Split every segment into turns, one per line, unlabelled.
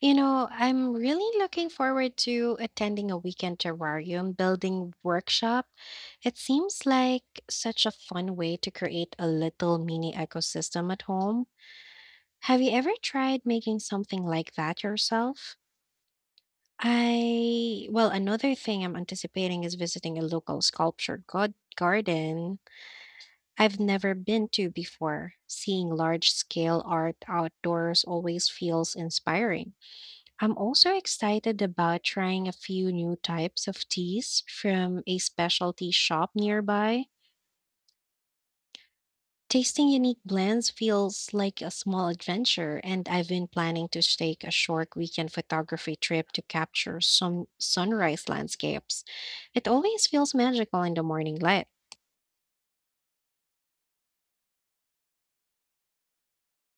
You know, I'm really looking forward to attending a weekend terrarium building workshop. It seems like such a fun way to create a little mini ecosystem at home. Have you ever tried making something like that yourself? Another thing I'm anticipating is visiting a local sculpture god garden I've never been to before. Seeing large-scale art outdoors always feels inspiring. I'm also excited about trying a few new types of teas from a specialty shop nearby. Tasting unique blends feels like a small adventure, and I've been planning to take a short weekend photography trip to capture some sunrise landscapes. It always feels magical in the morning light.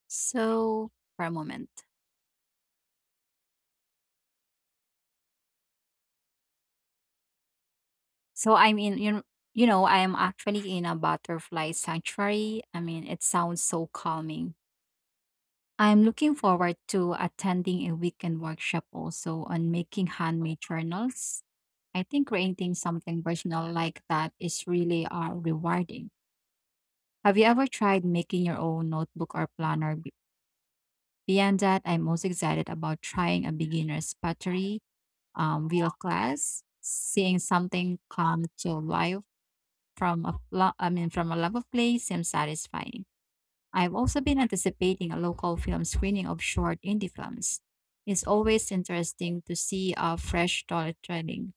So, for a moment. So I'm in you know, I am actually in a butterfly sanctuary. I mean, it sounds so calming. I'm looking forward to attending a weekend workshop also on making handmade journals. I think creating something personal like that is really rewarding. Have you ever tried making your own notebook or planner? Beyond that, I'm most excited about trying a beginner's pottery wheel class, seeing something come to life I mean from a love of play seems satisfying. I've also been anticipating a local film screening of short indie films. It's always interesting to see a fresh storytelling.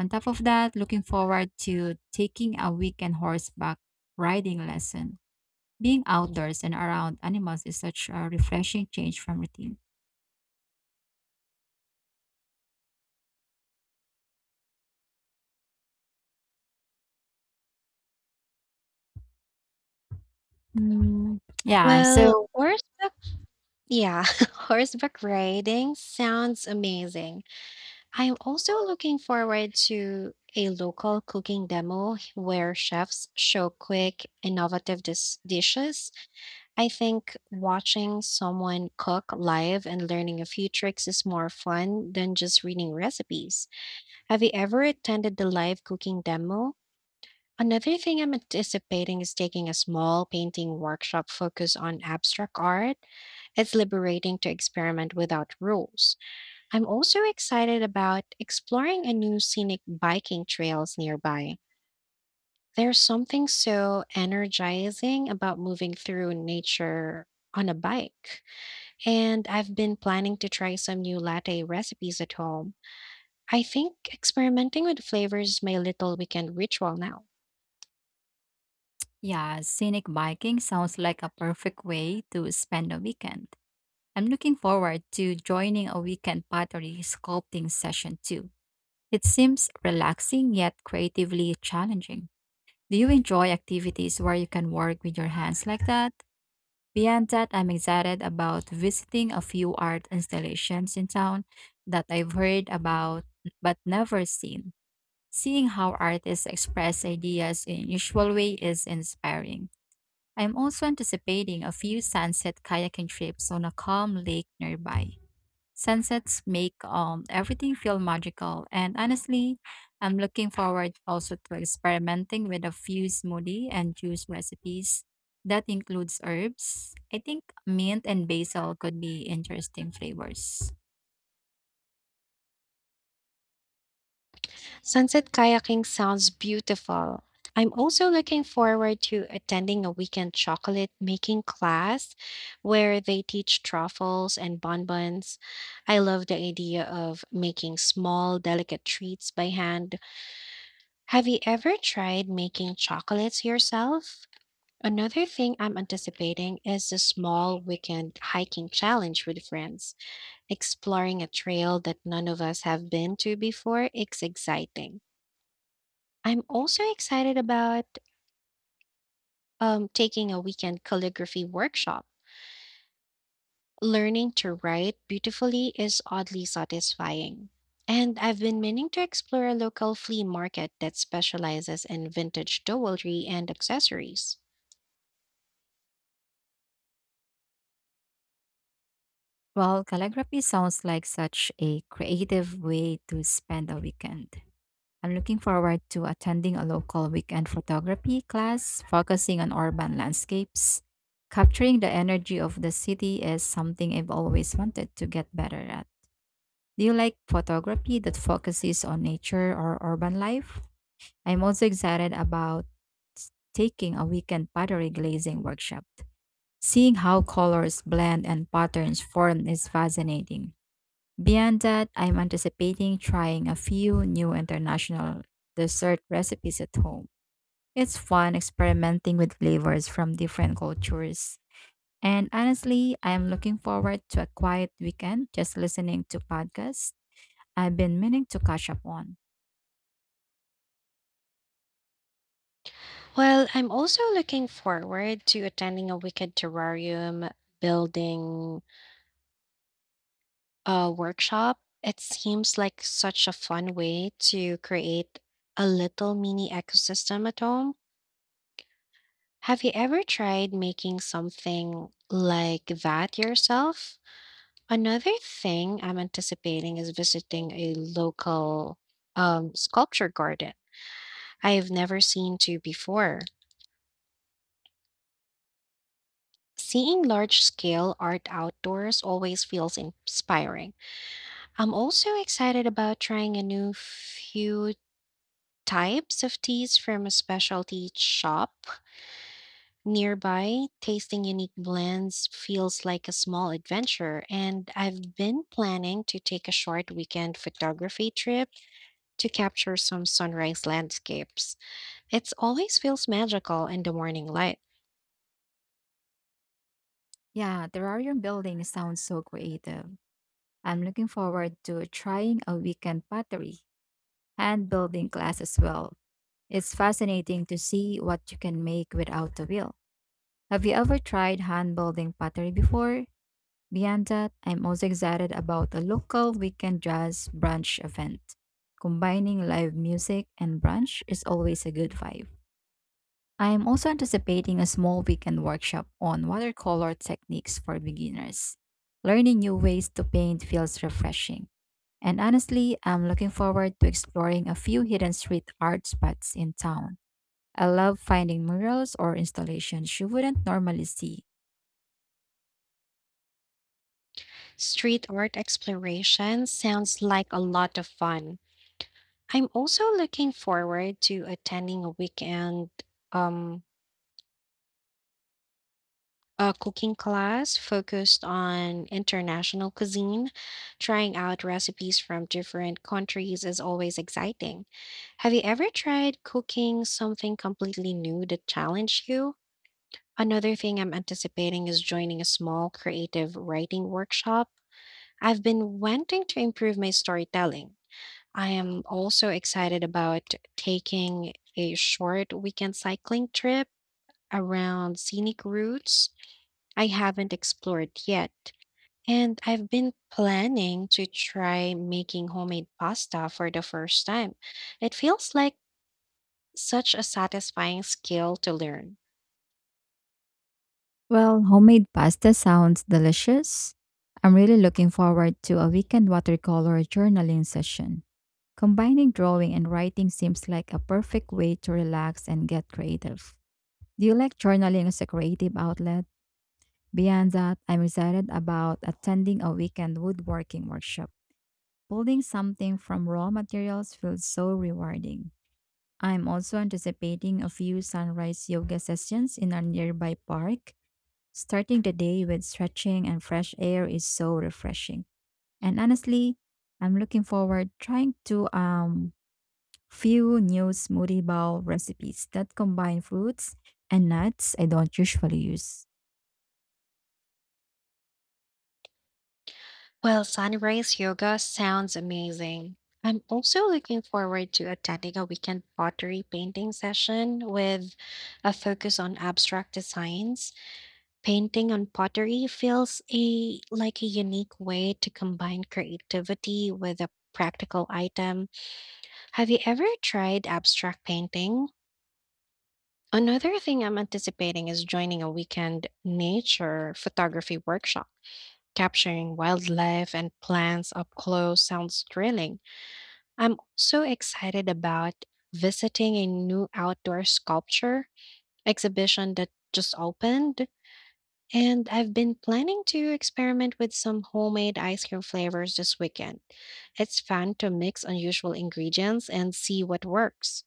On top of that, looking forward to taking a weekend horseback riding lesson. Being outdoors and around animals is such a refreshing change from routine. Mm, yeah,
Well,
so
horseback, yeah, horseback riding sounds amazing. I am also looking forward to a local cooking demo where chefs show quick, innovative dishes. I think watching someone cook live and learning a few tricks is more fun than just reading recipes. Have you ever attended the live cooking demo? Another thing I'm anticipating is taking a small painting workshop focused on abstract art. It's liberating to experiment without rules. I'm also excited about exploring a new scenic biking trails nearby. There's something so energizing about moving through nature on a bike. And I've been planning to try some new latte recipes at home. I think experimenting with flavors is my little weekend ritual now.
yeah, scenic biking sounds like a perfect way to spend a weekend. I'm looking forward to joining a weekend pottery sculpting session too. It seems relaxing yet creatively challenging. Do you enjoy activities where you can work with your hands like that? Beyond that, I'm excited about visiting a few art installations in town that I've heard about but never seen. Seeing how artists express ideas in usual way is inspiring. I'm also anticipating a few sunset kayaking trips on a calm lake nearby. Sunsets make everything feel magical, and honestly, I'm looking forward also to experimenting with a few smoothie and juice recipes that includes herbs. I think mint and basil could be interesting flavors.
Sunset kayaking sounds beautiful. I'm also looking forward to attending a weekend chocolate making class where they teach truffles and bonbons. I love the idea of making small, delicate treats by hand. Have you ever tried making chocolates yourself? Another thing I'm anticipating is a small weekend hiking challenge with friends. Exploring a trail that none of us have been to before is exciting. I'm also excited about taking a weekend calligraphy workshop. Learning to write beautifully is oddly satisfying. And I've been meaning to explore a local flea market that specializes in vintage jewelry and accessories.
Well, calligraphy sounds like such a creative way to spend a weekend. I'm looking forward to attending a local weekend photography class focusing on urban landscapes. Capturing the energy of the city is something I've always wanted to get better at. Do you like photography that focuses on nature or urban life? I'm also excited about taking a weekend pottery glazing workshop. Seeing how colors blend and patterns form is fascinating. Beyond that, I'm anticipating trying a few new international dessert recipes at home. It's fun experimenting with flavors from different cultures. And honestly, I am looking forward to a quiet weekend just listening to podcasts I've been meaning to catch up on.
Well, I'm also looking forward to attending a wicked terrarium building workshop. It seems like such a fun way to create a little mini ecosystem at home. Have you ever tried making something like that yourself? Another thing I'm anticipating is visiting a local sculpture garden I have never seen to before. Seeing large scale art outdoors always feels inspiring. I'm also excited about trying a new few types of teas from a specialty shop nearby. Tasting unique blends feels like a small adventure, and I've been planning to take a short weekend photography trip to capture some sunrise landscapes. It always feels magical in the morning light.
Yeah, terrarium building sounds so creative. I'm looking forward to trying a weekend pottery and building class as well. It's fascinating to see what you can make without a wheel. Have you ever tried hand building pottery before? Beyond that, I'm also excited about a local weekend jazz brunch event. Combining live music and brunch is always a good vibe. I am also anticipating a small weekend workshop on watercolor techniques for beginners. Learning new ways to paint feels refreshing. And honestly, I'm looking forward to exploring a few hidden street art spots in town. I love finding murals or installations you wouldn't normally see.
Street art exploration sounds like a lot of fun. I'm also looking forward to attending a weekend um a cooking class focused on international cuisine. Trying out recipes from different countries is always exciting. Have you ever tried cooking something completely new that challenged you? Another thing I'm anticipating is joining a small creative writing workshop. I've been wanting to improve my storytelling. I am also excited about taking a short weekend cycling trip around scenic routes I haven't explored yet, and I've been planning to try making homemade pasta for the first time. It feels like such a satisfying skill to learn.
Well, homemade pasta sounds delicious. I'm really looking forward to a weekend watercolor journaling session. Combining drawing and writing seems like a perfect way to relax and get creative. Do you like journaling as a creative outlet? Beyond that, I'm excited about attending a weekend woodworking workshop. Building something from raw materials feels so rewarding. I'm also anticipating a few sunrise yoga sessions in a nearby park. Starting the day with stretching and fresh air is so refreshing. And honestly, I'm looking forward trying to few new smoothie bowl recipes that combine fruits and nuts I don't usually use.
Well, sunrise yoga sounds amazing. I'm also looking forward to attending a weekend pottery painting session with a focus on abstract designs. Painting on pottery feels a like a unique way to combine creativity with a practical item. Have you ever tried abstract painting? Another thing I'm anticipating is joining a weekend nature photography workshop. Capturing wildlife and plants up close sounds thrilling. I'm so excited about visiting a new outdoor sculpture exhibition that just opened. And I've been planning to experiment with some homemade ice cream flavors this weekend. It's fun to mix unusual ingredients and see what works.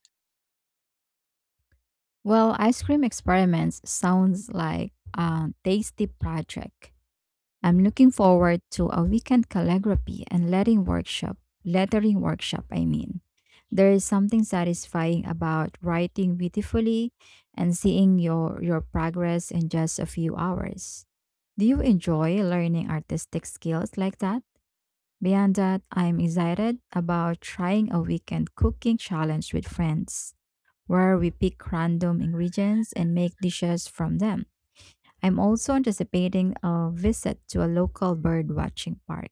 Well, ice cream experiments sounds like a tasty project. I'm looking forward to a weekend calligraphy and lettering workshop, I mean. There is something satisfying about writing beautifully and seeing your progress in just a few hours. Do you enjoy learning artistic skills like that? Beyond that, I'm excited about trying a weekend cooking challenge with friends, where we pick random ingredients and make dishes from them. I'm also anticipating a visit to a local bird watching park.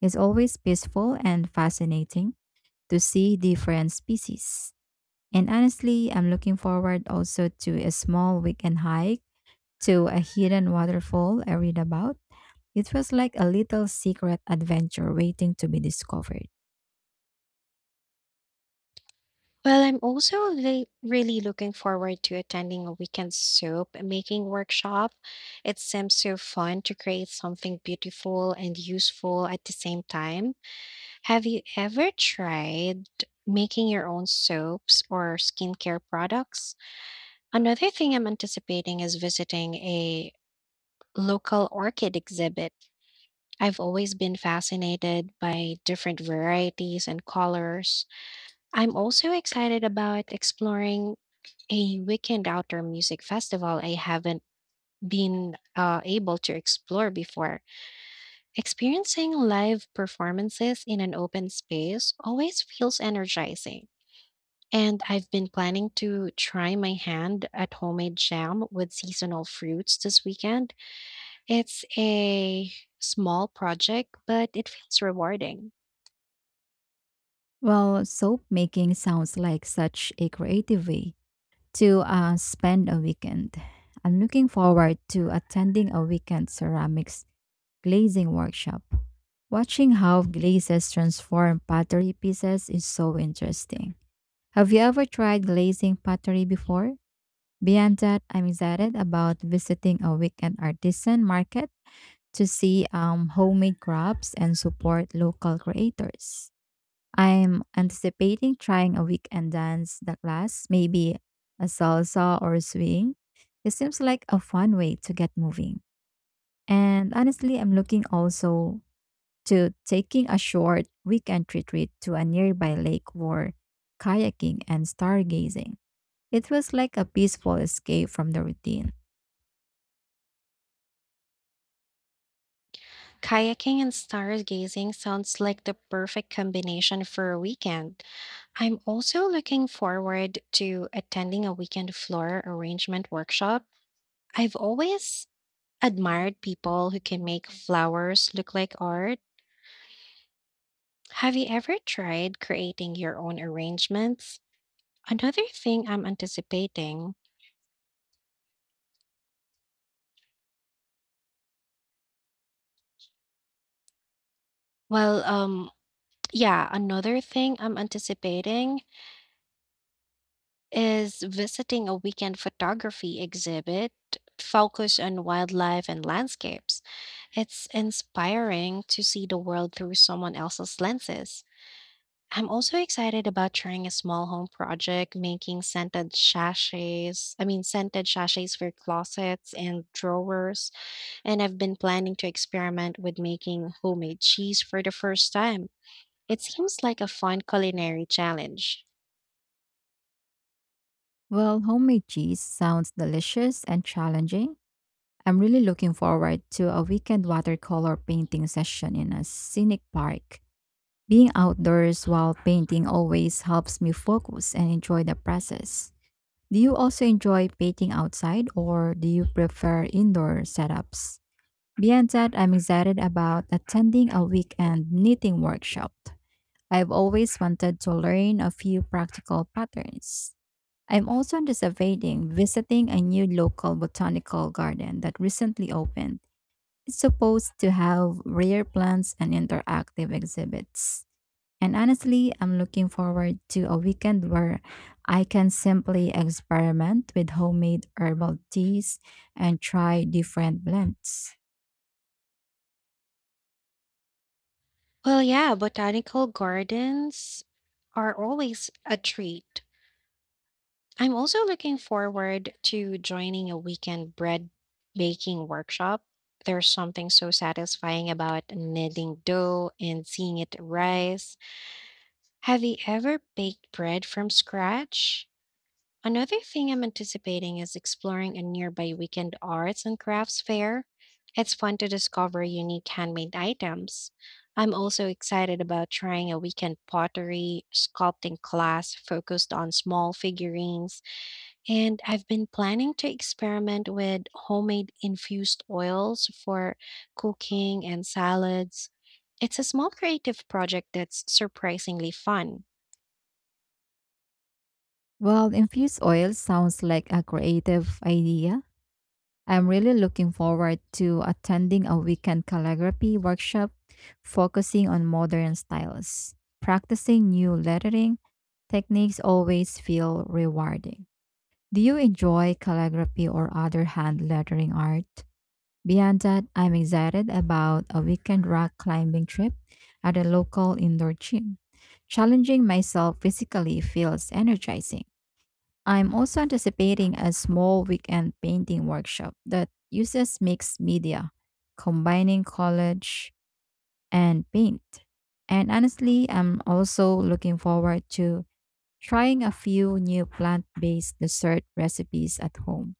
It's always peaceful and fascinating to see different species. And honestly, I'm looking forward also to a small weekend hike to a hidden waterfall I read about. It feels like a little secret adventure waiting to be discovered.
Well, I'm also really, really looking forward to attending a weekend soap making workshop. It seems so fun to create something beautiful and useful at the same time. Have you ever tried making your own soaps or skincare products? Another thing I'm anticipating is visiting a local orchid exhibit. I've always been fascinated by different varieties and colors. I'm also excited about exploring a weekend outdoor music festival I haven't been able to explore before. Experiencing live performances in an open space always feels energizing. And I've been planning to try my hand at homemade jam with seasonal fruits this weekend. It's a small project, but it feels rewarding.
Well, soap making sounds like such a creative way to spend a weekend. I'm looking forward to attending a weekend ceramics glazing workshop. Watching how glazes transform pottery pieces is so interesting. Have you ever tried glazing pottery before? Beyond that, I'm excited about visiting a weekend artisan market to see homemade crafts and support local creators. I'm anticipating trying a weekend dance the class, maybe a salsa or swing. It seems like a fun way to get moving. And honestly, I'm looking also to taking a short weekend retreat to a nearby lake for kayaking and stargazing. It feels like a peaceful escape from the routine.
Kayaking and stargazing sounds like the perfect combination for a weekend. I'm also looking forward to attending a weekend flower arrangement workshop. I've always admired people who can make flowers look like art. Have you ever tried creating your own arrangements? Another thing I'm anticipating, well, um, yeah, Another thing I'm anticipating is visiting a weekend photography exhibit focused on wildlife and landscapes. It's inspiring to see the world through someone else's lenses. I'm also excited about trying a small home project, making scented sachets. I mean, scented sachets for closets and drawers. And I've been planning to experiment with making homemade cheese for the first time. It seems like a fun culinary challenge.
Well, homemade cheese sounds delicious and challenging. I'm really looking forward to a weekend watercolor painting session in a scenic park. Being outdoors while painting always helps me focus and enjoy the process. Do you also enjoy painting outside or do you prefer indoor setups? Beyond that, I'm excited about attending a weekend knitting workshop. I've always wanted to learn a few practical patterns. I'm also anticipating visiting a new local botanical garden that recently opened. It's supposed to have rare plants and interactive exhibits. And honestly, I'm looking forward to a weekend where I can simply experiment with homemade herbal teas and try different blends.
Well, yeah, botanical gardens are always a treat. I'm also looking forward to joining a weekend bread baking workshop. There's something so satisfying about kneading dough and seeing it rise. Have you ever baked bread from scratch? Another thing I'm anticipating is exploring a nearby weekend arts and crafts fair. It's fun to discover unique handmade items. I'm also excited about trying a weekend pottery sculpting class focused on small figurines, and I've been planning to experiment with homemade infused oils for cooking and salads. It's a small creative project that's surprisingly fun.
Well, infused oil sounds like a creative idea. I'm really looking forward to attending a weekend calligraphy workshop focusing on modern styles. Practicing new lettering techniques always feel rewarding. Do you enjoy calligraphy or other hand lettering art? Beyond that, I'm excited about a weekend rock climbing trip at a local indoor gym. Challenging myself physically feels energizing. I'm also anticipating a small weekend painting workshop that uses mixed media, combining collage and paint. And honestly, I'm also looking forward to trying a few new plant based dessert recipes at home.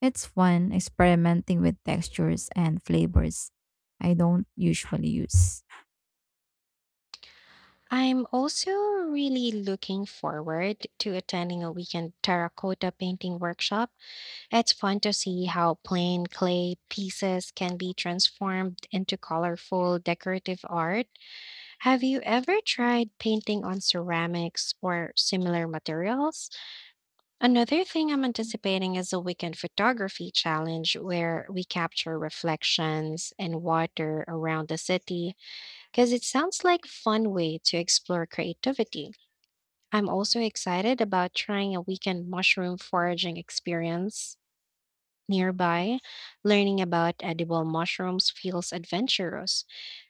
It's fun experimenting with textures and flavors I don't usually use.
I'm also really looking forward to attending a weekend terracotta painting workshop. It's fun to see how plain clay pieces can be transformed into colorful decorative art. Have you ever tried painting on ceramics or similar materials? Another thing I'm anticipating is a weekend photography challenge where we capture reflections and water around the city because it sounds like a fun way to explore creativity. I'm also excited about trying a weekend mushroom foraging experience nearby. Learning about edible mushrooms feels adventurous,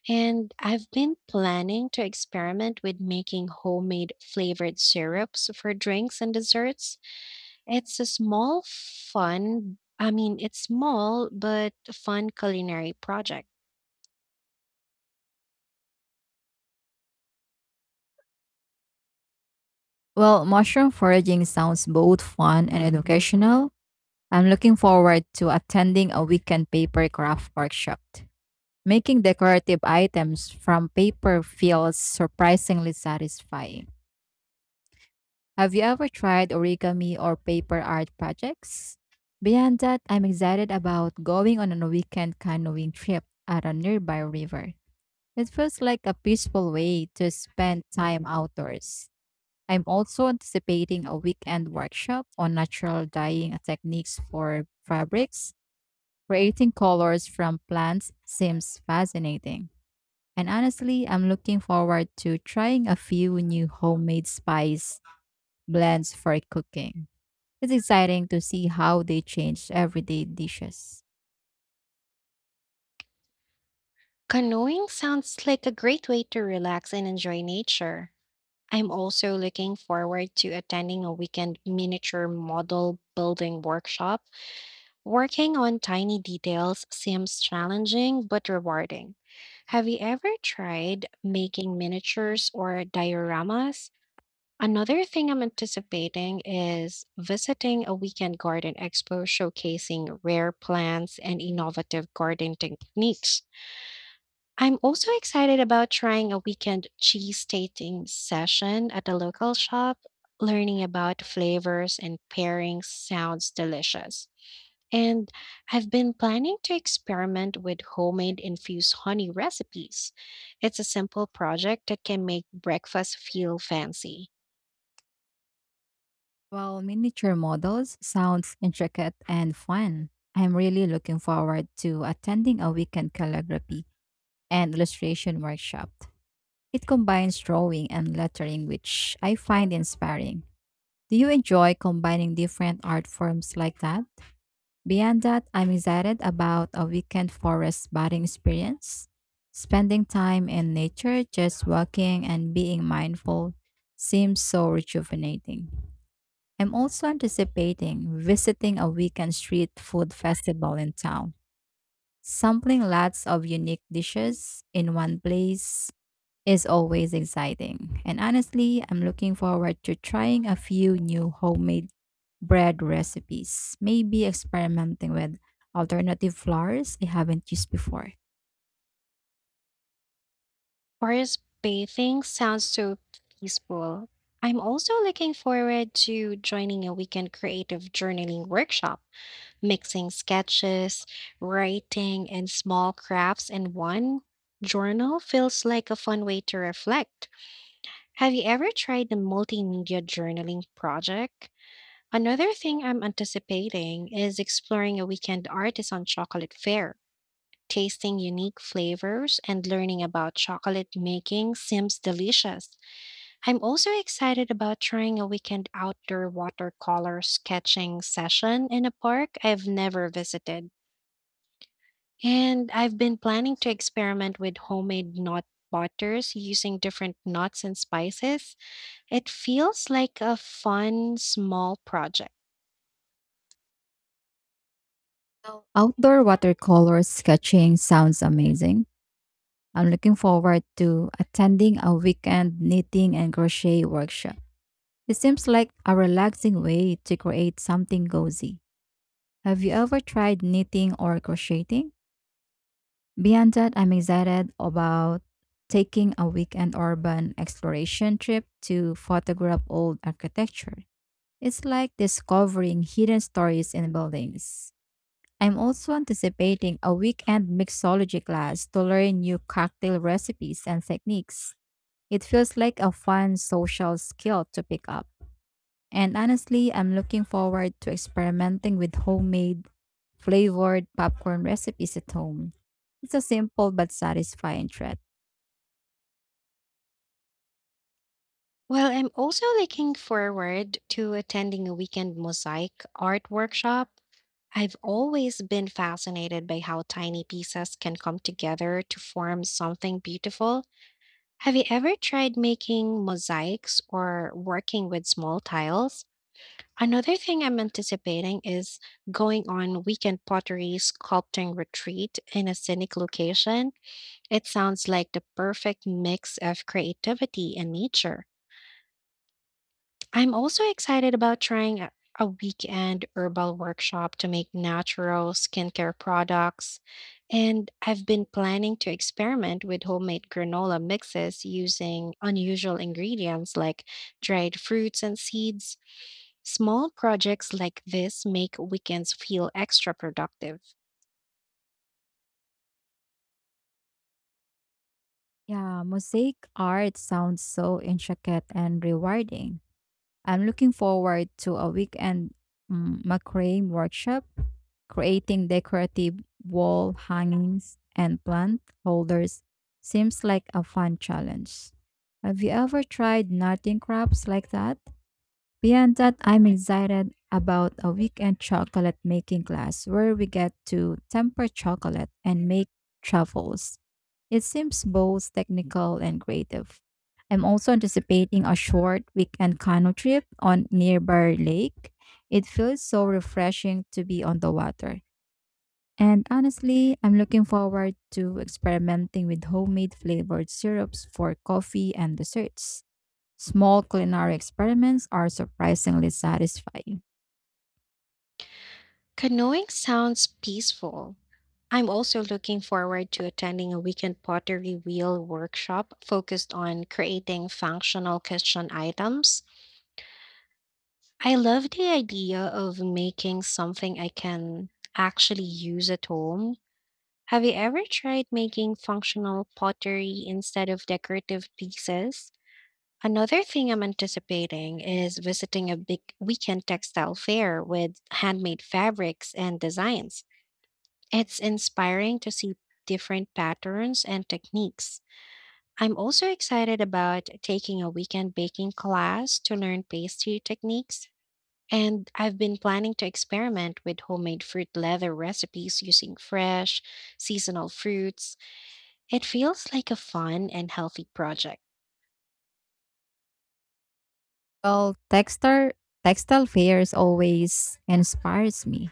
and I've been planning to experiment with making homemade flavored syrups for drinks and desserts. It's a small, fun, I mean, it's small but fun culinary project.
Well, mushroom foraging sounds both fun and educational. I'm looking forward to attending a weekend paper craft workshop. Making decorative items from paper feels surprisingly satisfying. Have you ever tried origami or paper art projects? Beyond that, I'm excited about going on a weekend canoeing trip at a nearby river. It feels like a peaceful way to spend time outdoors. I'm also anticipating a weekend workshop on natural dyeing techniques for fabrics. Creating colors from plants seems fascinating. And honestly, I'm looking forward to trying a few new homemade spice blends for cooking. It's exciting to see how they change everyday dishes.
Canoeing sounds like a great way to relax and enjoy nature. I'm also looking forward to attending a weekend miniature model building workshop. Working on tiny details seems challenging but rewarding. Have you ever tried making miniatures or dioramas? Another thing I'm anticipating is visiting a weekend garden expo showcasing rare plants and innovative garden techniques. I'm also excited about trying a weekend cheese tasting session at a local shop. Learning about flavors and pairings sounds delicious. And I've been planning to experiment with homemade infused honey recipes. It's a simple project that can make breakfast feel fancy.
Well, miniature models sounds intricate and fun. I'm really looking forward to attending a weekend calligraphy and illustration workshop. It combines drawing and lettering, which I find inspiring. Do you enjoy combining different art forms like that? Beyond that, I'm excited about a weekend forest bathing experience. Spending time in nature, just walking and being mindful seems so rejuvenating. I'm also anticipating visiting a weekend street food festival in town. Sampling lots of unique dishes in one place is always exciting. And honestly, I'm looking forward to trying a few new homemade bread recipes, maybe experimenting with alternative flours I haven't used before.
Forest bathing sounds so peaceful. I'm also looking forward to joining a weekend creative journaling workshop mixing sketches, writing, and small crafts in one journal feels like a fun way to reflect. Have you ever tried the multimedia journaling project? Another thing I'm anticipating is exploring a weekend artisan chocolate fair. Tasting unique flavors and learning about chocolate making seems delicious. I'm also excited about trying a weekend outdoor watercolor sketching session in a park I've never visited. And I've been planning to experiment with homemade nut butters using different nuts and spices. It feels like a fun, small project.
So, outdoor watercolor sketching sounds amazing. I'm looking forward to attending a weekend knitting and crochet workshop. It seems like a relaxing way to create something cozy. Have you ever tried knitting or crocheting? Beyond that, I'm excited about taking a weekend urban exploration trip to photograph old architecture. It's like discovering hidden stories in buildings. I'm also anticipating a weekend mixology class to learn new cocktail recipes and techniques. It feels like a fun social skill to pick up. And honestly, I'm looking forward to experimenting with homemade flavored popcorn recipes at home. It's a simple but satisfying treat.
Well, I'm also looking forward to attending a weekend mosaic art workshop. I've always been fascinated by how tiny pieces can come together to form something beautiful. Have you ever tried making mosaics or working with small tiles? Another thing I'm anticipating is going on weekend pottery sculpting retreat in a scenic location. It sounds like the perfect mix of creativity and nature. I'm also excited about trying a weekend herbal workshop to make natural skincare products. And I've been planning to experiment with homemade granola mixes using unusual ingredients like dried fruits and seeds. Small projects like this make weekends feel extra productive.
Yeah, mosaic art sounds so intricate and rewarding. I'm looking forward to a weekend macrame workshop, creating decorative wall hangings and plant holders. Seems like a fun challenge. Have you ever tried knitting crafts like that? Beyond that, I'm excited about a weekend chocolate making class where we get to temper chocolate and make truffles. It seems both technical and creative. I'm also anticipating a short weekend canoe trip on nearby lake. It feels so refreshing to be on the water. And honestly, I'm looking forward to experimenting with homemade flavored syrups for coffee and desserts. Small culinary experiments are surprisingly satisfying.
Canoeing sounds peaceful. I'm also looking forward to attending a weekend pottery wheel workshop focused on creating functional kitchen items. I love the idea of making something I can actually use at home. Have you ever tried making functional pottery instead of decorative pieces? Another thing I'm anticipating is visiting a big weekend textile fair with handmade fabrics and designs. It's inspiring to see different patterns and techniques. I'm also excited about taking a weekend baking class to learn pastry techniques. And I've been planning to experiment with homemade fruit leather recipes using fresh, seasonal fruits. It feels like a fun and healthy project.
Well, textile fairs always inspires me.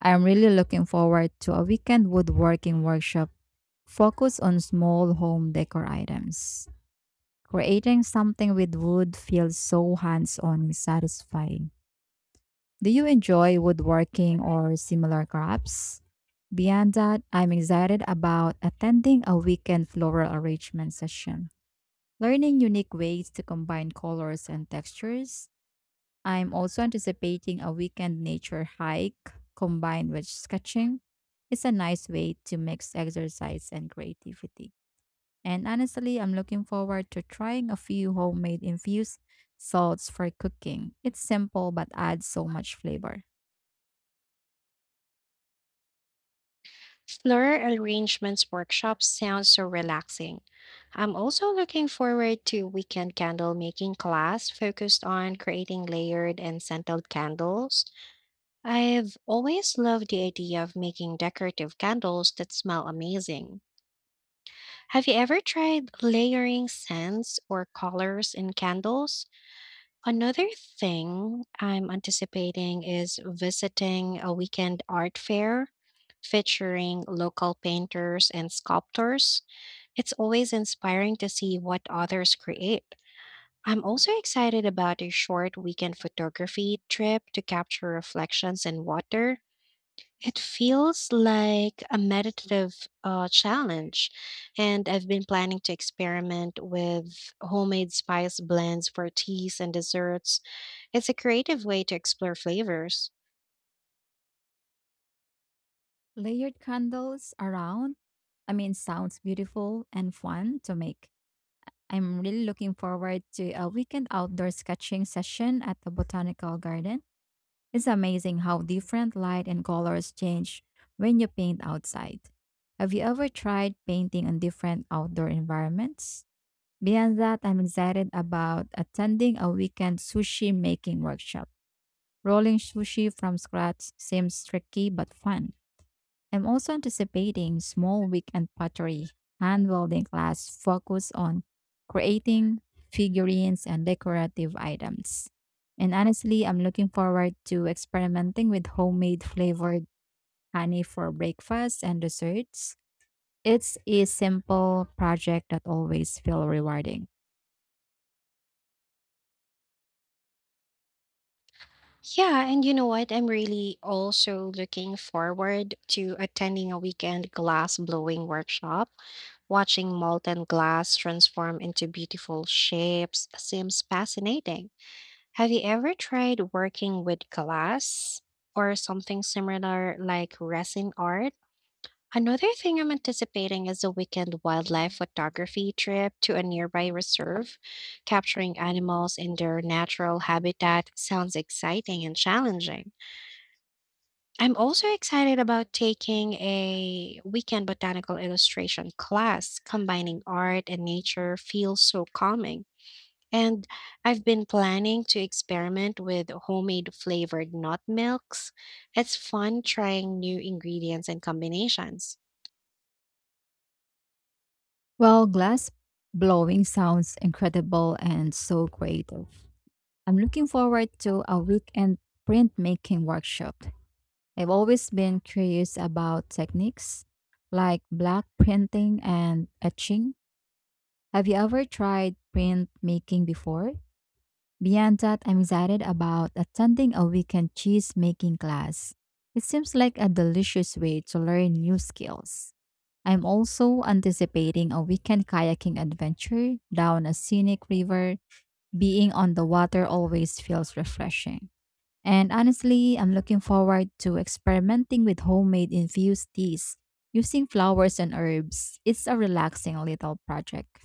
I'm really looking forward to a weekend woodworking workshop focused on small home decor items. Creating something with wood feels so hands-on and satisfying. Do you enjoy woodworking or similar crafts? Beyond that, I'm excited about attending a weekend floral arrangement session, learning unique ways to combine colors and textures. I'm also anticipating a weekend nature hike combined with sketching. It's a nice way to mix exercise and creativity. And honestly, I'm looking forward to trying a few homemade infused salts for cooking. It's simple but adds so much flavor.
Floral arrangements workshops sounds so relaxing. I'm also looking forward to weekend candle making class focused on creating layered and scented candles. I've always loved the idea of making decorative candles that smell amazing. Have you ever tried layering scents or colors in candles? Another thing I'm anticipating is visiting a weekend art fair featuring local painters and sculptors. It's always inspiring to see what others create. I'm also excited about a short weekend photography trip to capture reflections in water. It feels like a meditative challenge, and I've been planning to experiment with homemade spice blends for teas and desserts. It's a creative way to explore flavors.
Layered candles around, I mean, sounds beautiful and fun to make. I'm really looking forward to a weekend outdoor sketching session at the botanical garden. It's amazing how different light and colors change when you paint outside. Have you ever tried painting on different outdoor environments? Beyond that, I'm excited about attending a weekend sushi making workshop. Rolling sushi from scratch seems tricky but fun. I'm also anticipating small weekend pottery hand welding class focused on creating figurines and decorative items. And honestly, I'm looking forward to experimenting with homemade flavored honey for breakfast and desserts. It's a simple project that always feels rewarding.
Yeah, and you know what? I'm really also looking forward to attending a weekend glass blowing workshop. Watching molten glass transform into beautiful shapes seems fascinating. Have you ever tried working with glass or something similar like resin art? Another thing I'm anticipating is a weekend wildlife photography trip to a nearby reserve. Capturing animals in their natural habitat sounds exciting and challenging. I'm also excited about taking a weekend botanical illustration class. Combining art and nature feels so calming. And I've been planning to experiment with homemade flavored nut milks. It's fun trying new ingredients and combinations.
Well, glass blowing sounds incredible and so creative. I'm looking forward to a weekend printmaking workshop. I've always been curious about techniques like black printing and etching. Have you ever tried print making before? Beyond that, I'm excited about attending a weekend cheese making class. It seems like a delicious way to learn new skills. I'm also anticipating a weekend kayaking adventure down a scenic river. Being on the water always feels refreshing. And honestly, I'm looking forward to experimenting with homemade infused teas using flowers and herbs. It's a relaxing little project.